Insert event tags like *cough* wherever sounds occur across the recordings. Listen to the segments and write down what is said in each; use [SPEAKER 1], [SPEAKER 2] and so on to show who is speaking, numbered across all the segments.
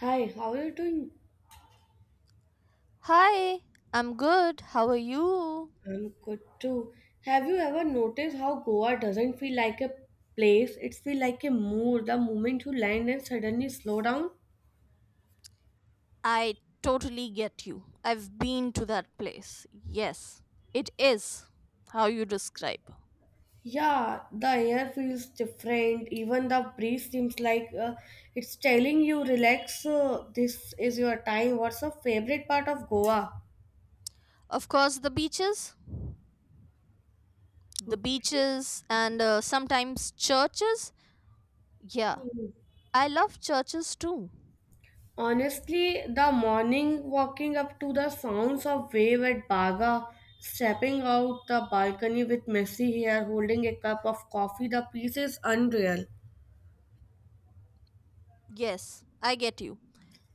[SPEAKER 1] Hi, how are you doing?
[SPEAKER 2] Hi, I'm good. How are you?
[SPEAKER 1] I'm good too. Have you ever noticed how Goa doesn't feel like a place? It feels like a moor the moment you land and suddenly slow down.
[SPEAKER 2] I totally get you. I've been to that place. Yes, it is how you describe.
[SPEAKER 1] Yeah, the air feels different. Even the breeze seems like it's telling you, relax, this is your time. What's your favorite part of Goa?
[SPEAKER 2] Of course, the beaches, the
[SPEAKER 1] Okay.
[SPEAKER 2] beaches, and sometimes churches. Yeah, I love churches too.
[SPEAKER 1] Honestly, the morning walking up to the sounds of wave at Baga, stepping out the balcony with messy hair, holding a cup of coffee, the peace is unreal.
[SPEAKER 2] Yes, I get you.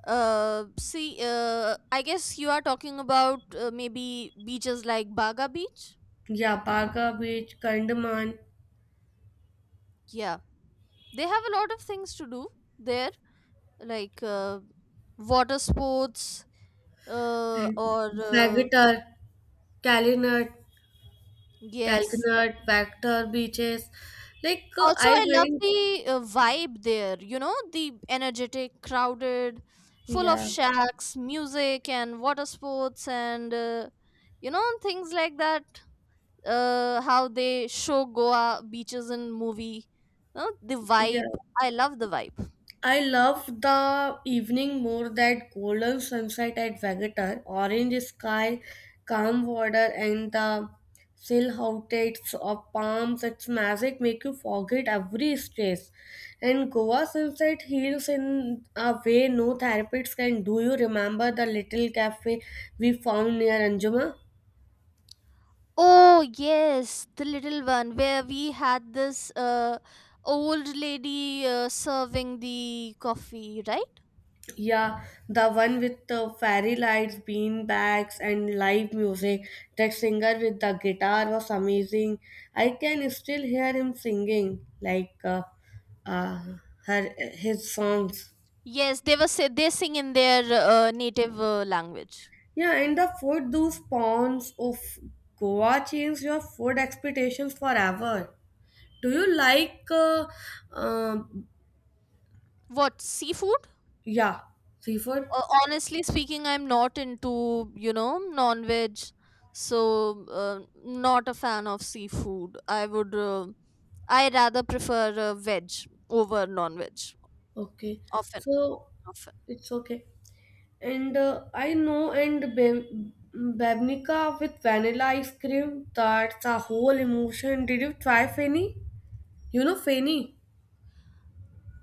[SPEAKER 2] See, I guess you are talking about maybe beaches like Baga Beach.
[SPEAKER 1] Yeah, Baga Beach, Kandaman,
[SPEAKER 2] Yeah, they have a lot of things to do there like water sports or
[SPEAKER 1] Vagator, Kalinut,
[SPEAKER 2] yes,
[SPEAKER 1] Kalkanut, Vector beaches. Like
[SPEAKER 2] also
[SPEAKER 1] I
[SPEAKER 2] I love
[SPEAKER 1] went,
[SPEAKER 2] the vibe there, you know, the energetic, crowded, full of
[SPEAKER 1] yeah,
[SPEAKER 2] shacks, music and water sports, and things like that. How they show Goa beaches in movie, you know, the
[SPEAKER 1] yeah.
[SPEAKER 2] vibe. I love the vibe.
[SPEAKER 1] I love the evening more that golden sunset at Vegetar, orange sky, calm water, and the silhouettes of palms. Its magic make you forget every stress. And Goa sunset heals in a way no therapists can. Do you remember the little cafe we found near Anjuma?
[SPEAKER 2] Oh, yes, the little one where we had this old lady serving the coffee, right?
[SPEAKER 1] Yeah, the one with the fairy lights, bean bags, and live music. That singer with the guitar was amazing. I can still hear him singing like uh, her his songs.
[SPEAKER 2] Yes, they sing in their native language.
[SPEAKER 1] Yeah, and the food, those ponds of Goa changed your food expectations forever. Do you like, um,
[SPEAKER 2] What seafood?
[SPEAKER 1] yeah, seafood?
[SPEAKER 2] Honestly speaking, I'm not into non-veg, so not a fan of seafood. I rather prefer veg over non-veg.
[SPEAKER 1] Okay,
[SPEAKER 2] Often,
[SPEAKER 1] so
[SPEAKER 2] often.
[SPEAKER 1] it's okay. And I know and Babnica with vanilla ice cream, that's a whole emotion. Did you try Fanny? You know Fanny?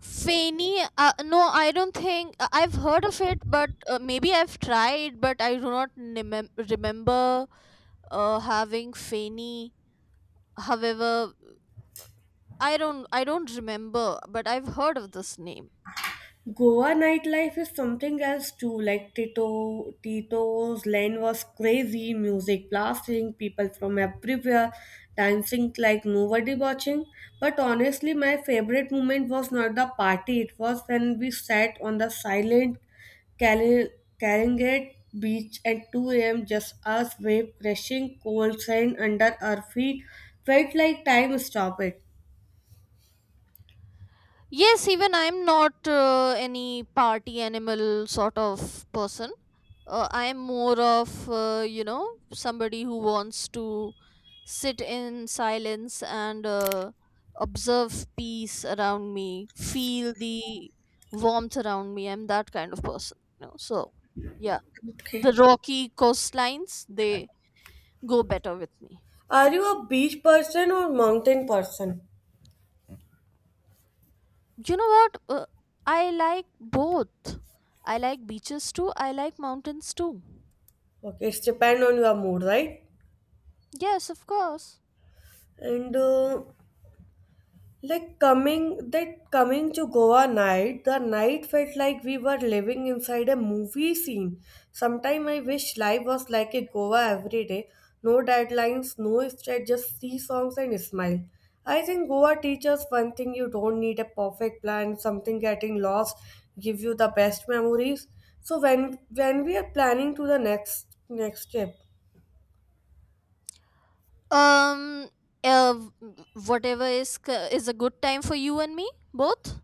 [SPEAKER 2] Feni, no, I don't think I've heard of it, but maybe I've tried, but I do not remember having Feni. However, I don't remember, but I've heard of this name.
[SPEAKER 1] Goa nightlife is something else too. Like Tito's lane was crazy, music blasting, people from everywhere, dancing like nobody watching. But honestly, my favorite moment was not the party. It was when we sat on the silent Kali- Kalingat beach at 2 a.m. Just us, wave crashing, cold sand under our feet. Felt like time stopped.
[SPEAKER 2] Yes, even I'm not any party animal sort of person. I am more of, somebody who wants to sit in silence and observe peace around me, feel the warmth around me. I'm that kind of person. You know? So, yeah,
[SPEAKER 1] Okay.
[SPEAKER 2] the rocky coastlines, they go better with me.
[SPEAKER 1] Are you a beach person or mountain person?
[SPEAKER 2] You know what? I like both. I like beaches too, I like mountains too.
[SPEAKER 1] Okay, it's depend on your mood, right?
[SPEAKER 2] Yes, of course.
[SPEAKER 1] And like coming to Goa night, the night felt like we were living inside a movie scene. Sometime I wish life was like a Goa every day. No deadlines, no stress, just see songs and smile. I think Goa teaches one thing you don't need a perfect plan, something getting lost give you the best memories. So when we are planning to the next trip.
[SPEAKER 2] Um, uh, w- Whatever is a good time for you and me both.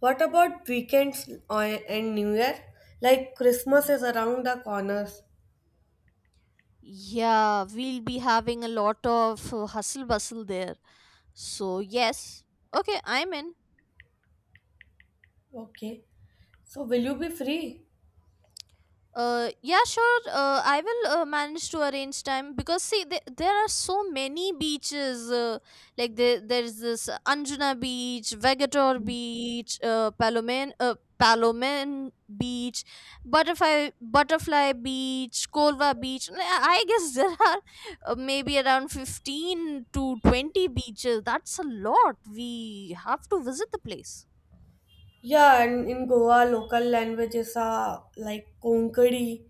[SPEAKER 1] What about weekends and New Year? Like Christmas is around the corners.
[SPEAKER 2] Yeah, we'll be having a lot of hustle bustle there. So yes, okay, I'm in.
[SPEAKER 1] Okay. So will you be free?
[SPEAKER 2] Yeah, sure. I will manage to arrange time because see, there are so many beaches. Like there's this Anjuna Beach, Vegator Beach, Palomen Beach, Butterfly Beach, Kolva Beach. And I guess *laughs* there are maybe around 15 to 20 beaches. That's a lot. We have to visit the place.
[SPEAKER 1] Yeah, and in Goa, local languages are like Konkani.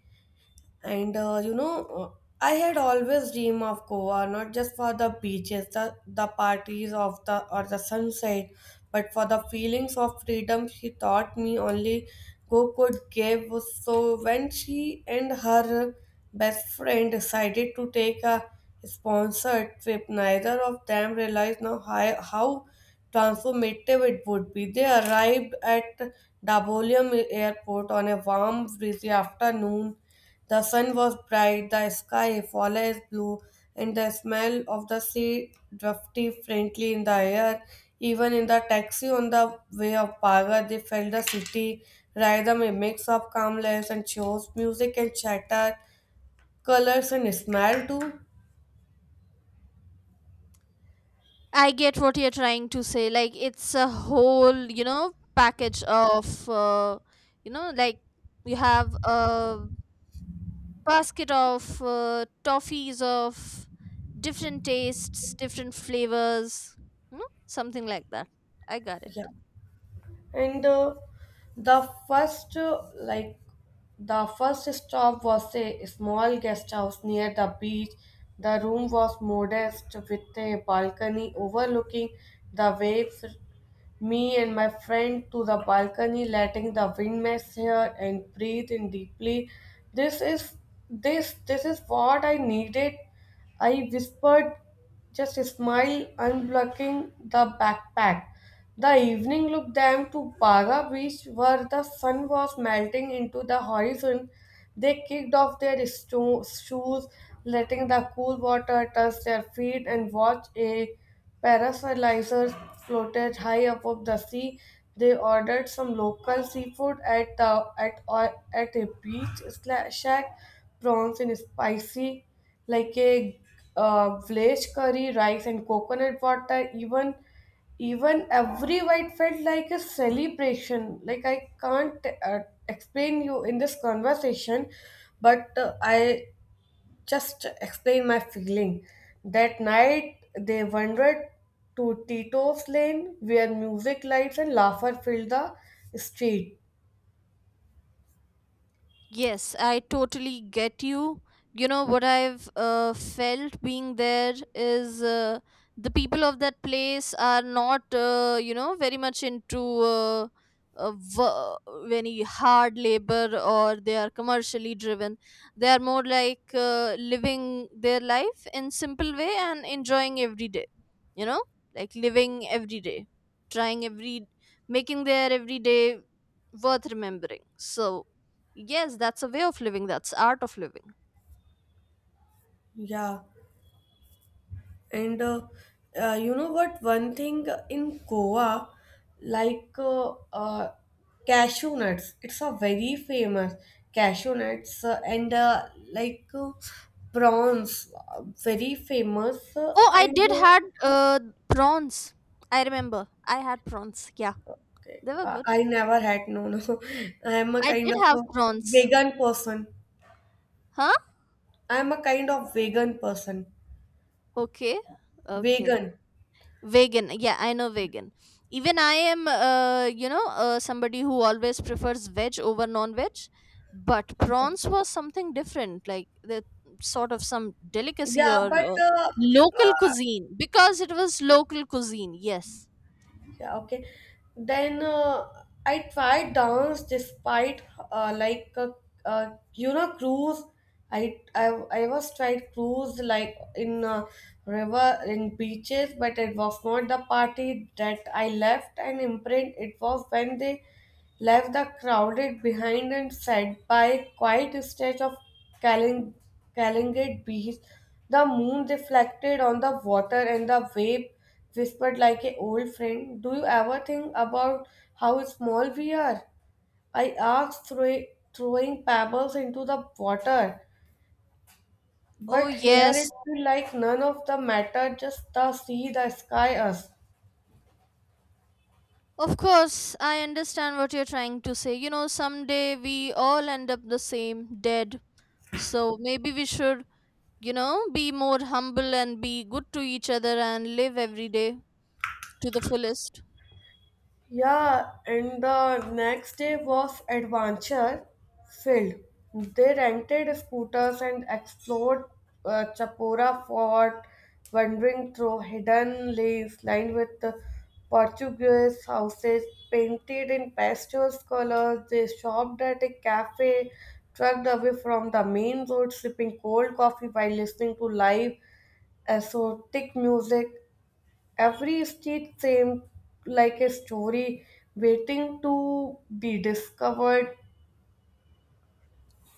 [SPEAKER 1] And I had always dreamed of Goa, not just for the beaches, the parties of the or the sunset, but for the feelings of freedom she taught me only Go could give. So when she and her best friend decided to take a sponsored trip, neither of them realized now how transformative it would be. They arrived at Dabolium airport on a warm, breezy afternoon. The sun was bright, the sky flawless blue, and the smell of the sea drifted faintly in the air. Even in the taxi on the way of Paga, they felt the city rhythm, a mix of calmness and shows, music and chatter, colors and smell too.
[SPEAKER 2] I get what you're trying to say. Like it's a whole, package of, like you have a basket of toffees of different tastes, different flavors, something like that. I got
[SPEAKER 1] Yeah,
[SPEAKER 2] it.
[SPEAKER 1] and the first uh, like the first stop was a small guest house near the beach. The room was modest with a balcony overlooking the waves. Me and my friend to the balcony, letting the wind mess here and breathe in deeply. This is this is what I needed, I whispered, just smile, unblocking the backpack. The evening looked them to Baga Beach, where the sun was melting into the horizon. They kicked off their shoes, letting the cool water touch their feet, and watched a parasolizer floated high above the sea. They ordered some local seafood at a beach shack, prawns in spicy, like a village curry, rice and coconut water. Even every white felt like a celebration. Like I can't explain you in this conversation, but I just explain my feeling. That night they wandered to Tito's lane where music, lights, and laughter filled the street.
[SPEAKER 2] Yes, I totally get you. You know what I've felt being there is the people of that place are not, very much into uh, wo- any hard labor or they are commercially driven. They are more like living their life in simple way and enjoying every day. You know, like living every day, trying every, making their every day worth remembering. So yes, that's a way of living. That's art of living.
[SPEAKER 1] Yeah. And you know what? One thing in Goa, like cashew nuts, it's a very famous cashew nuts and like prawns, very famous.
[SPEAKER 2] Oh, I
[SPEAKER 1] And
[SPEAKER 2] did had prawns. I remember. I had prawns. Yeah,
[SPEAKER 1] okay,
[SPEAKER 2] they were good.
[SPEAKER 1] I never had, no, no. *laughs* I am a
[SPEAKER 2] I
[SPEAKER 1] kind
[SPEAKER 2] did
[SPEAKER 1] of
[SPEAKER 2] have
[SPEAKER 1] a
[SPEAKER 2] prawns.
[SPEAKER 1] vegan person.
[SPEAKER 2] Huh?
[SPEAKER 1] I am a kind of vegan person.
[SPEAKER 2] Okay. Okay.
[SPEAKER 1] Vegan.
[SPEAKER 2] Vegan. Yeah, I know vegan. Even I am somebody who always prefers veg over non-veg, but prawns was something different. Like the sort of some delicacy
[SPEAKER 1] Yeah,
[SPEAKER 2] or
[SPEAKER 1] but
[SPEAKER 2] local
[SPEAKER 1] uh,
[SPEAKER 2] cuisine because it was local cuisine. Yes.
[SPEAKER 1] yeah, okay. Then I tried dance despite like cruise. I, I I was tried cruise like in river in beaches, but it was not the party that I left an imprint. It was when they left the crowded behind and fed by quiet stretch of Kaling- Kalingate beach. The moon reflected on the water and the wave whispered like an old friend. Do you ever think about how small we are? I asked, throwing pebbles into the water.
[SPEAKER 2] Oh,
[SPEAKER 1] But here it
[SPEAKER 2] yes.
[SPEAKER 1] felt like none of the matter, just the sea, the sky, us.
[SPEAKER 2] Of course, I understand what you're trying to say. Someday we all end up the same, dead. So maybe we should, be more humble and be good to each other and live every day to the fullest.
[SPEAKER 1] Yeah, and the next day was adventure filled. They rented scooters and explored Chapora Fort, wandering through hidden lanes lined with the Portuguese houses painted in pastel colors. They shopped at a cafe, trucked away from the main road, sipping cold coffee while listening to live exotic music. Every street seemed like a story waiting to be discovered.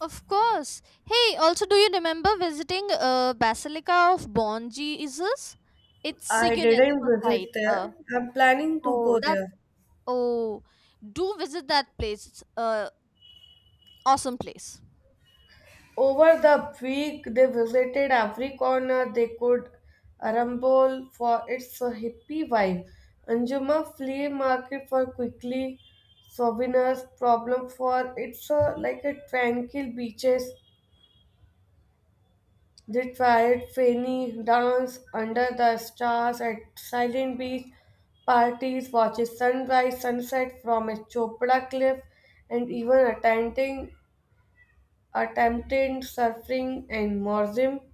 [SPEAKER 2] Of course. Hey, also, do you remember visiting Basilica of Bon Jesus? It's a
[SPEAKER 1] I didn't
[SPEAKER 2] UNESCO
[SPEAKER 1] visit
[SPEAKER 2] site.
[SPEAKER 1] there. I'm planning to go
[SPEAKER 2] Oh, that.
[SPEAKER 1] there.
[SPEAKER 2] Oh, do visit that place. It's a awesome place.
[SPEAKER 1] Over the week, they visited every corner they could rumble for its hippie vibe. Anjuma flea market for quickly souvenirs, problem for its like a tranquil beaches. They tried Fanny dance under the stars at Silent Beach parties, watching sunrise, sunset from a Chopra cliff, and even attempting attempted surfing in Morzim.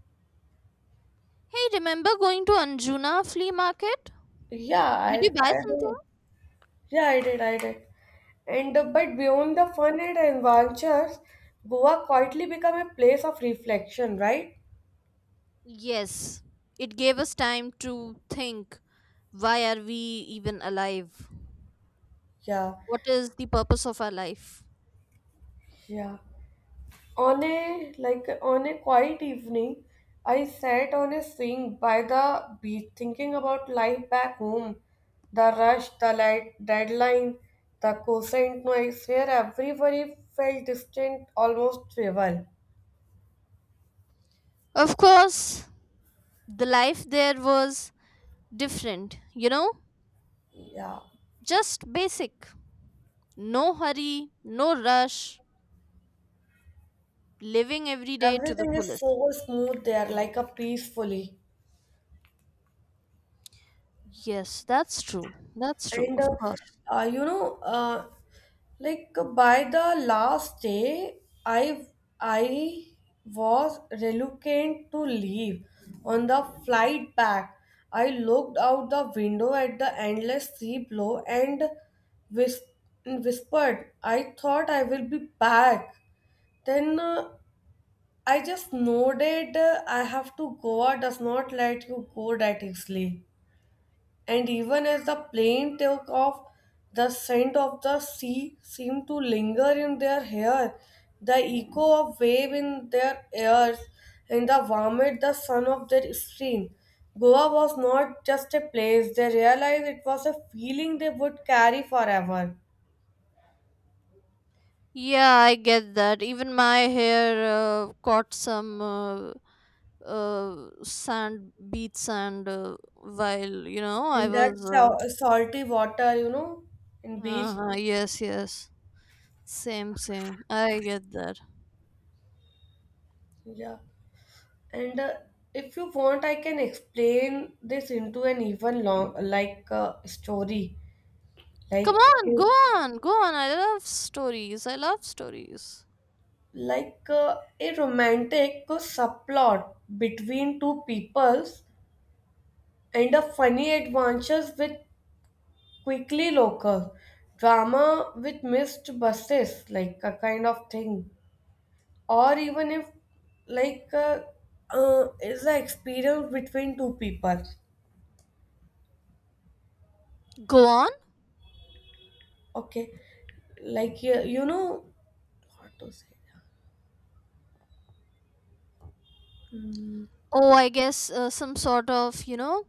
[SPEAKER 2] Hey, remember going to Anjuna flea market?
[SPEAKER 1] Yeah,
[SPEAKER 2] Did you
[SPEAKER 1] I,
[SPEAKER 2] buy
[SPEAKER 1] I
[SPEAKER 2] something?
[SPEAKER 1] do. Yeah, I did. And but beyond the fun and adventures, Goa quietly became a place of reflection, right?
[SPEAKER 2] Yes. It gave us time to think, why are we even alive?
[SPEAKER 1] Yeah,
[SPEAKER 2] What is the purpose of our life?
[SPEAKER 1] yeah. On a quiet evening, I sat on a swing by the beach thinking about life back home. The rush, the light, deadline, the cosine noise where everybody felt distant, almost trivial.
[SPEAKER 2] Of course, the life there was different, you know?
[SPEAKER 1] Yeah.
[SPEAKER 2] Just basic. No hurry, no rush, living every day to the
[SPEAKER 1] Everything is
[SPEAKER 2] fullest.
[SPEAKER 1] so smooth there, like a peacefully.
[SPEAKER 2] Yes, that's true. That's true,
[SPEAKER 1] And
[SPEAKER 2] of course.
[SPEAKER 1] uh, you know, uh, like by the last day, I I was reluctant to leave. On the flight back, I looked out the window at the endless sea below and whis- whispered, "I thought I will be back." Then I just nodded. I have to go. I does not let you go that easily. And even as the plane took off, the scent of the sea seemed to linger in their hair, the echo of wave in their ears, and the warmed the sun of their skin. Goa was not just a place; they realized it was a feeling they would carry forever.
[SPEAKER 2] Yeah, I get that. Even my hair caught some sand beats and while you know I
[SPEAKER 1] And that
[SPEAKER 2] was.
[SPEAKER 1] salty water in beach.
[SPEAKER 2] Uh-huh, yes, yes. Same, same. I get that.
[SPEAKER 1] Yeah. And if you want, I can explain this into an even long, like story.
[SPEAKER 2] Come
[SPEAKER 1] like
[SPEAKER 2] on, go
[SPEAKER 1] a-
[SPEAKER 2] on, go on. I love stories. I love stories.
[SPEAKER 1] like a romantic subplot between two peoples and a funny adventures with quickly local drama with missed buses, like a kind of thing, or even if like is the experience between two people.
[SPEAKER 2] Go on.
[SPEAKER 1] Okay, like you know what to say.
[SPEAKER 2] Oh, I guess some sort of,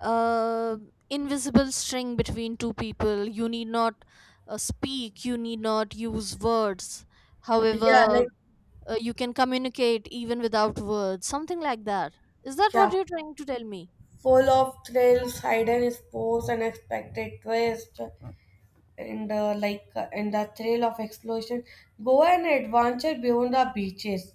[SPEAKER 2] uh, invisible string between two people. You need not speak, you need not use words.
[SPEAKER 1] Yeah,
[SPEAKER 2] However,
[SPEAKER 1] like,
[SPEAKER 2] you can communicate even without words, something like that. Is that what
[SPEAKER 1] yeah,
[SPEAKER 2] you're trying to tell me?
[SPEAKER 1] full of thrills, hidden sports, unexpected twists, and the thrill of exploration. Go and adventure beyond the beaches,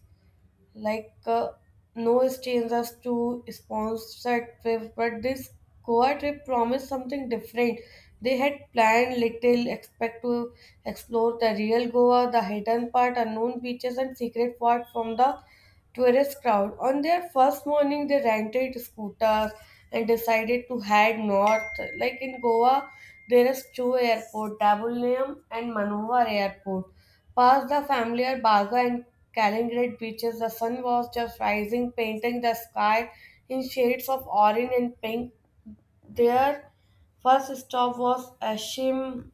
[SPEAKER 1] like no strains us to sponsored trip, but this Goa trip promised something different. They had planned little, expect to explore the real Goa, the hidden part, unknown beaches, and secret part from the tourist crowd. On their first morning, they rented scooters and decided to head north. Like in Goa, there is two airport, Dabulayam and Manohar Airport. Past the familiar Baga and Kaliningrad beaches, the sun was just rising, painting the sky in shades of orange and pink. Their first stop was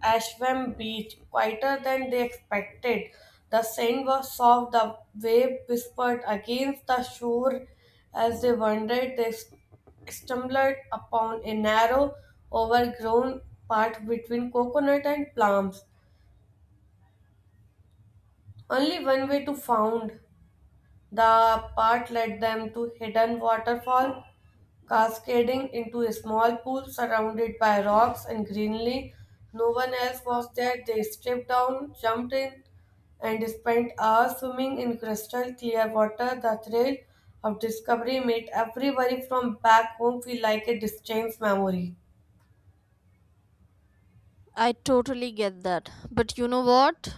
[SPEAKER 1] Ashwam Beach, quieter than they expected. The sand was soft, the wave whispered against the shore. As they wandered, they stumbled upon a narrow, overgrown path between coconut and plums. Only one way to found. The path led them to hidden waterfall cascading into a small pool surrounded by rocks and greenery. No one else was there. They stripped down, jumped in, and spent hours swimming in crystal clear water. The thrill of discovery made everybody from back home feel like a distant memory.
[SPEAKER 2] I totally get that. But you know what?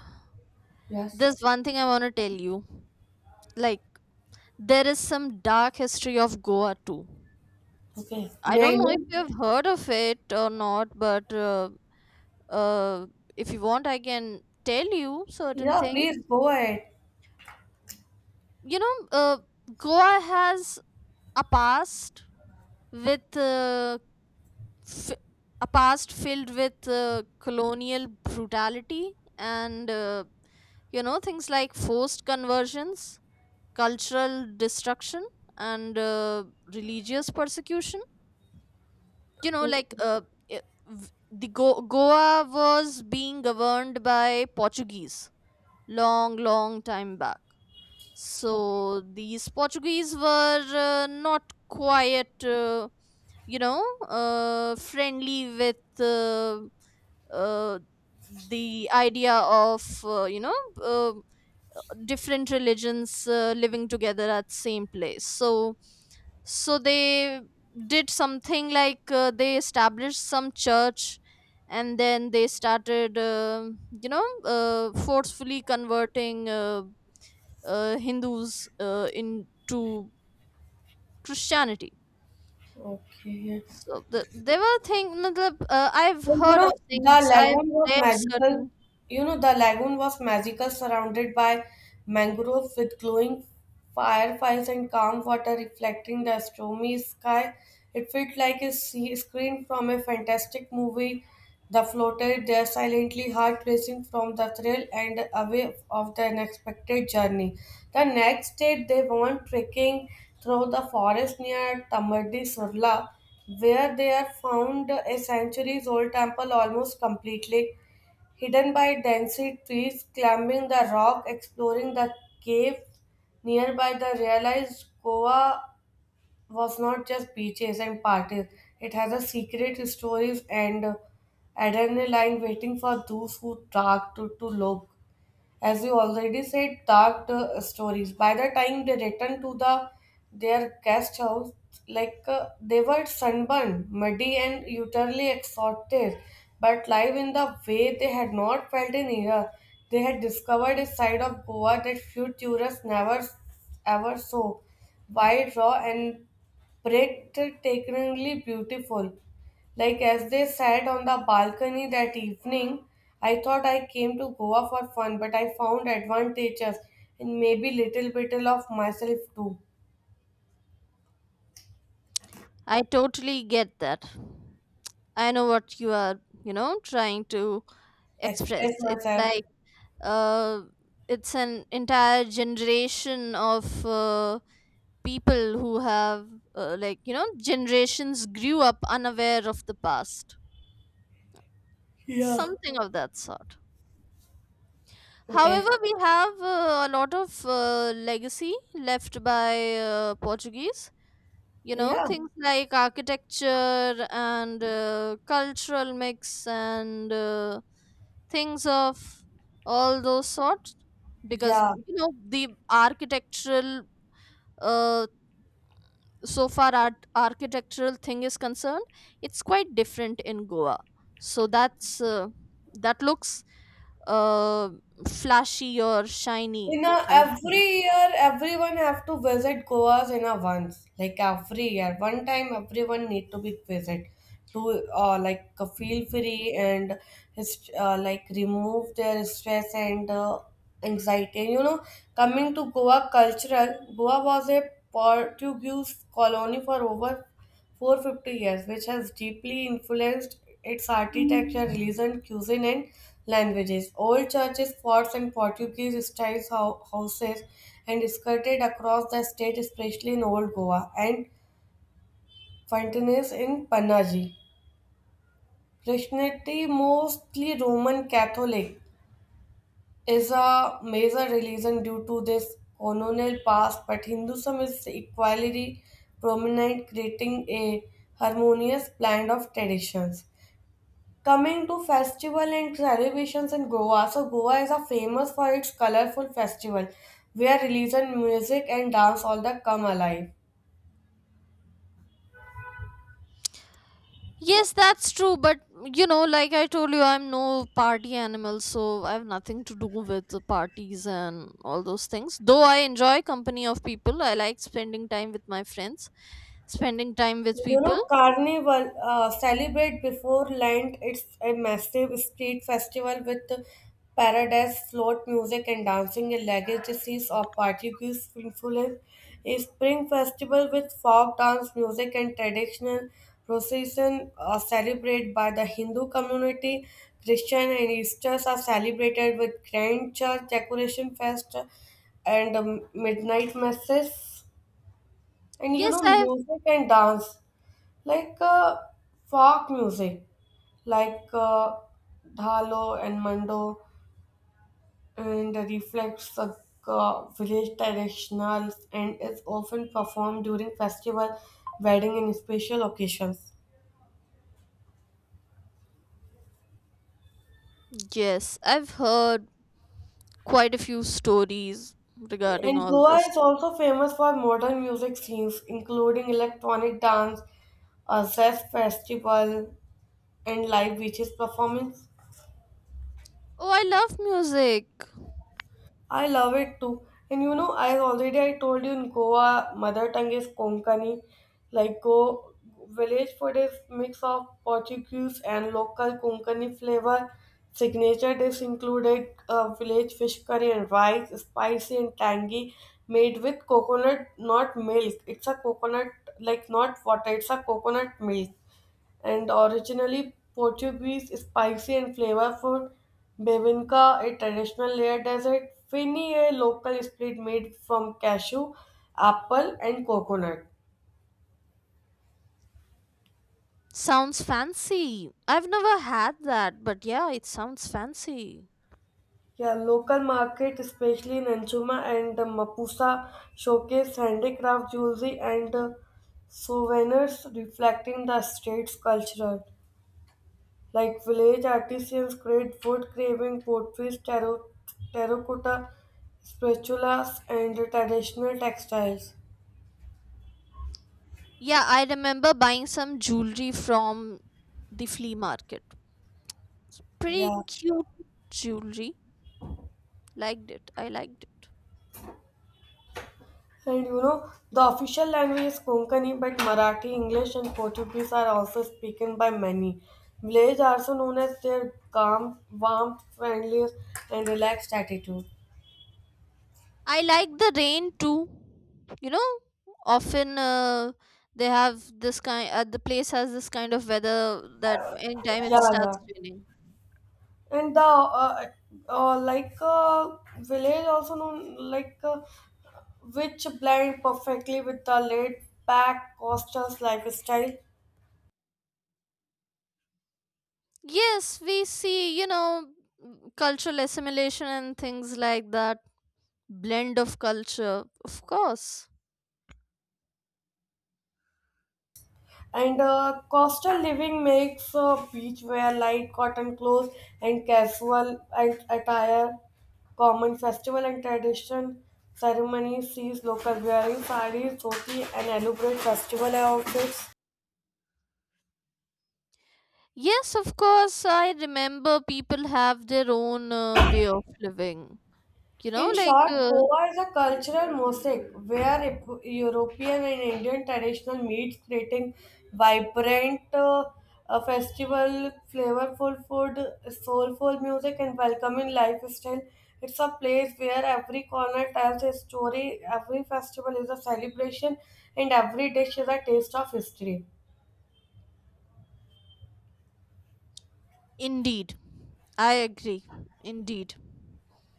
[SPEAKER 1] Yes.
[SPEAKER 2] There's one thing I want to tell you. Like, there is some dark history of Goa too.
[SPEAKER 1] Okay.
[SPEAKER 2] I
[SPEAKER 1] May I
[SPEAKER 2] don't know if
[SPEAKER 1] know?
[SPEAKER 2] you have heard of it or not, but uh, if you want, I can tell you certain
[SPEAKER 1] Yeah,
[SPEAKER 2] things.
[SPEAKER 1] please go ahead.
[SPEAKER 2] You know, Goa has a past with uh, f- a past filled with colonial brutality and things like forced conversions, cultural destruction, and religious persecution. You know, Goa was being governed by Portuguese long, long time back. So these Portuguese were not quite, friendly with uh, the idea of, uh, different religions living together at same place. So they did something like they established some church and then they started forcefully converting Hindus into Christianity.
[SPEAKER 1] Okay.
[SPEAKER 2] So there were things matlab, I've
[SPEAKER 1] And you
[SPEAKER 2] heard
[SPEAKER 1] know,
[SPEAKER 2] of
[SPEAKER 1] the
[SPEAKER 2] things. I've
[SPEAKER 1] lagoon was
[SPEAKER 2] read
[SPEAKER 1] magical.
[SPEAKER 2] certain.
[SPEAKER 1] You know, the lagoon was magical, surrounded by mangroves with glowing fireflies and calm water reflecting the stormy sky. It felt like a sea screen from a fantastic movie. The floated there silently, heart racing from the thrill and away of the unexpected journey. The next day, they went trekking through the forest near Tamadi Surla where they are found a centuries-old temple almost completely hidden by dense trees, climbing the rock, exploring the cave nearby, they realized Goa was not just beaches and parties. It has a secret stories and adrenaline waiting for those who dare to look as you already said, dark stories. By the time they returned to the their guest house, they were sunburned, muddy, and utterly exhausted, but live in the way they had not felt in years. They had discovered a side of Goa that few tourists never ever saw, wild, raw, and breathtakingly beautiful. Like as they sat on the balcony that evening, I thought I came to Goa for fun, but I found advantages and maybe little bit of myself too.
[SPEAKER 2] I totally get that. I know what you are, trying to
[SPEAKER 1] To express
[SPEAKER 2] express.
[SPEAKER 1] myself.
[SPEAKER 2] Uh, it's an entire generation of people who have, generations grew up unaware of the past.
[SPEAKER 1] Yeah.
[SPEAKER 2] Something of that sort.
[SPEAKER 1] It
[SPEAKER 2] However,
[SPEAKER 1] is.
[SPEAKER 2] we have a lot of legacy left by Portuguese. You know,
[SPEAKER 1] Yeah.
[SPEAKER 2] things like architecture and cultural mix and things of all those sorts. Because,
[SPEAKER 1] Yeah.
[SPEAKER 2] you know, the architectural, uh, so far art architectural thing is concerned, it's quite different in Goa, so that looks uh, flashy or shiny
[SPEAKER 1] You know,
[SPEAKER 2] kind of thing.
[SPEAKER 1] every year everyone have to visit Goa in a once. Like every year, one time everyone need to be visit to feel free and like remove their stress and anxiety. And, you know, coming to Goa cultural, Goa was a Portuguese colony for over 450 years, which has deeply influenced its architecture, religion, cuisine, and languages. Old churches, forts, and Portuguese style houses and skirted across the state, especially in Old Goa and fountains in Panaji. Christianity, mostly Roman Catholic, is a major religion due to this colonial past, but Hinduism is equally prominent, creating a harmonious blend of traditions. Coming to festival and celebrations in Goa, so Goa is a famous for its colorful festival where religion, music, and dance all the come alive.
[SPEAKER 2] Yes, that's true, but like I told you, I'm no party animal, so I have nothing to do with the parties and all those things, though I enjoy company of people. I like spending time with my friends, spending time with
[SPEAKER 1] You know,
[SPEAKER 2] people.
[SPEAKER 1] Carnival celebrate before Lent. It's a massive street festival with paradise, float music, and dancing. A legacies of Portuguese influence. A spring festival with folk dance music and traditional procession are celebrated by the Hindu community. Christian and Easters are celebrated with grand church decoration fest and midnight masses. And you
[SPEAKER 2] yes
[SPEAKER 1] know,
[SPEAKER 2] i've
[SPEAKER 1] music and dance like uh, folk music, like uh, dhalo and mando, and reflects the village traditionals and is often performed during festival, wedding, and special occasions.
[SPEAKER 2] yes, I've heard quite a few stories regarding
[SPEAKER 1] And
[SPEAKER 2] all
[SPEAKER 1] Goa
[SPEAKER 2] this.
[SPEAKER 1] is also famous for modern music scenes, including electronic dance, a jazz festival, and live beaches performance.
[SPEAKER 2] Oh, I love music.
[SPEAKER 1] I love it too. And you know, I already I told you in Goa, mother tongue is Konkani. Like Go village food is mix of Portuguese and local Konkani flavor. Signature dish included village fish curry and rice, spicy and tangy, made with coconut, not milk. It's a coconut, like not water. It's a coconut milk and originally Portuguese, spicy and flavorful. Bevinca, a traditional layered dessert. Fini, a local split made from cashew, apple, and coconut.
[SPEAKER 2] Sounds fancy. I've never had that, but yeah, it sounds fancy.
[SPEAKER 1] Yeah, local market, especially in Anchuma and the Mapusa, showcase handicraft jewelry and souvenirs reflecting the state's culture. Like village artisans create wood carving, pottery, tarot, terracotta, spatulas, and traditional textiles.
[SPEAKER 2] Yeah, I remember buying some jewelry from the flea market. Pretty
[SPEAKER 1] Yeah.
[SPEAKER 2] cute jewelry. Liked it, I liked it.
[SPEAKER 1] And you know, the official language is Konkani, but Marathi, English, and Portuguese are also spoken by many. Village are also known as their calm, warm, friendly, and relaxed attitude.
[SPEAKER 2] I like the rain too. You know, often, the place has this kind of weather that anytime it
[SPEAKER 1] Yeah, yeah,
[SPEAKER 2] starts raining.
[SPEAKER 1] and the village also known which blend perfectly with the laid back coastal lifestyle
[SPEAKER 2] Yes, we see, cultural assimilation and things like that. Blend of culture, of course.
[SPEAKER 1] and coastal living makes beach wear light cotton clothes and casual and attire common festival and tradition ceremonies sees local wearing sarees dhoti and elaborate festival outfits.
[SPEAKER 2] Yes, of course. I remember people have their own way of living. You know,
[SPEAKER 1] In
[SPEAKER 2] like,
[SPEAKER 1] short,
[SPEAKER 2] uh,
[SPEAKER 1] Goa is a cultural mosaic where European and Indian traditional meets, creating vibrant festival, flavorful food, soulful music, and welcoming lifestyle. It's a place where every corner tells a story, every festival is a celebration, and every dish is a taste of history.
[SPEAKER 2] Indeed. I agree. Indeed.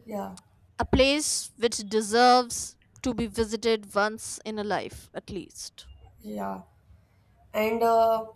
[SPEAKER 1] Yeah,
[SPEAKER 2] A place which deserves to be visited once in a life, at least.
[SPEAKER 1] yeah, and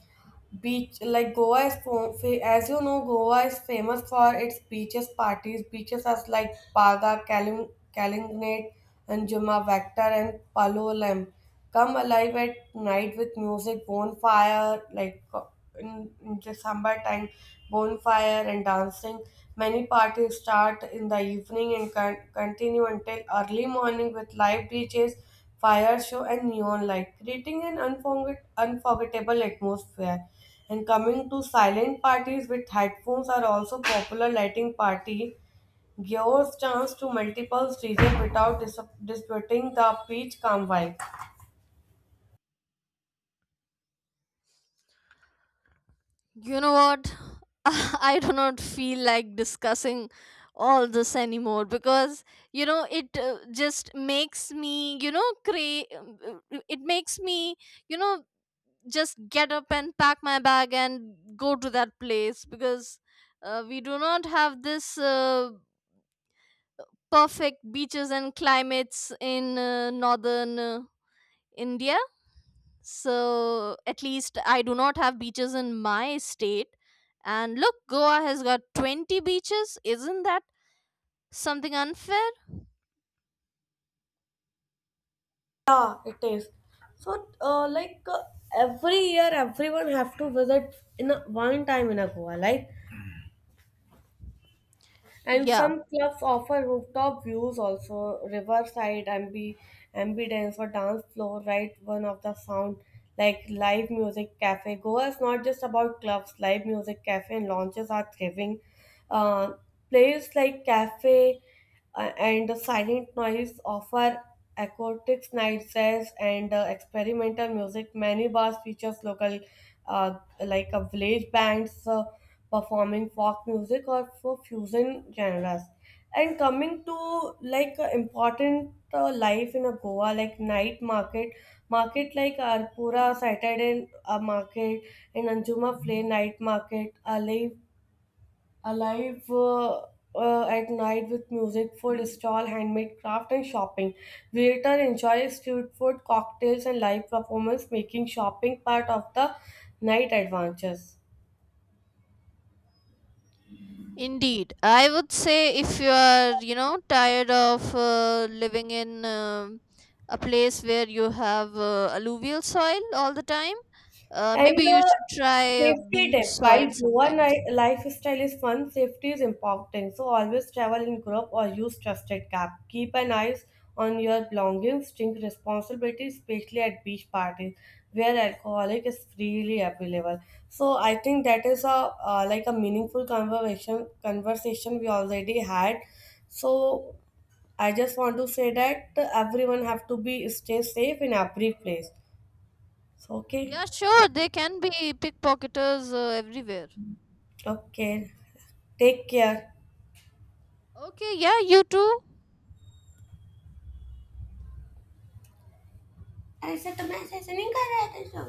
[SPEAKER 1] beach like goa is as you know goa is famous for its beaches parties beaches are like paga Kalim, kalignate and juma vector and Palolem. Come alive at night with music bonfire in december time bonfire and dancing. Many parties start in the evening and continue until early morning with live DJs, fire show, and neon light, creating an unforgettable atmosphere. And coming to silent parties with headphones are also popular lighting party gives chance to multiple DJs without disrupting the pitch calm vibe.
[SPEAKER 2] You know what? *laughs* I do not feel like discussing all this anymore because it just makes me you know cra- it makes me you know just get up and pack my bag and go to that place, because we do not have this perfect beaches and climates in northern India, so at least I do not have beaches in my state. And look, Goa has got 20 beaches. Isn't that something unfair?
[SPEAKER 1] Yeah, it is. So, every year, everyone have to visit in a, one time in a Goa, like. And
[SPEAKER 2] Yeah,
[SPEAKER 1] some clubs offer rooftop views, also riverside, ambience or dance floor, right? One of the sound like live music cafe. Goa is not just about clubs. Live music cafe and launches are thriving. Uh, Place like cafe and the silent noise offer acoustic night sales and experimental music. Many bars features local, uh, village bands performing folk music or for fusion genres. And coming to important life in a Goa, like night market, market like Arpura Saturday market and Anjuma Flay night market, Ali alive at night with music, food stall, handmade craft, and shopping. Visitor enjoy street food, cocktails, and live performance, making shopping part of the night adventures.
[SPEAKER 2] indeed, I would say if you are, tired of living in a place where you have alluvial soil all the time. Maybe
[SPEAKER 1] And
[SPEAKER 2] you should try
[SPEAKER 1] safety
[SPEAKER 2] beach
[SPEAKER 1] tip.
[SPEAKER 2] soil
[SPEAKER 1] While Goa
[SPEAKER 2] sometimes.
[SPEAKER 1] lifestyle is fun, safety is important. So always travel in group or use trusted cab. Keep an eye on your belongings. Drink responsibility, especially at beach parties where alcoholic is freely available. So I think that is a a meaningful conversation we already had. So I just want to say that everyone have to be stay safe in every place. So okay.
[SPEAKER 2] Yeah, sure, they can be pickpocketers everywhere.
[SPEAKER 1] Okay, take care.
[SPEAKER 2] Okay, yeah, you too.
[SPEAKER 1] ऐसे तो मैं ऐसे नहीं कर रहा था।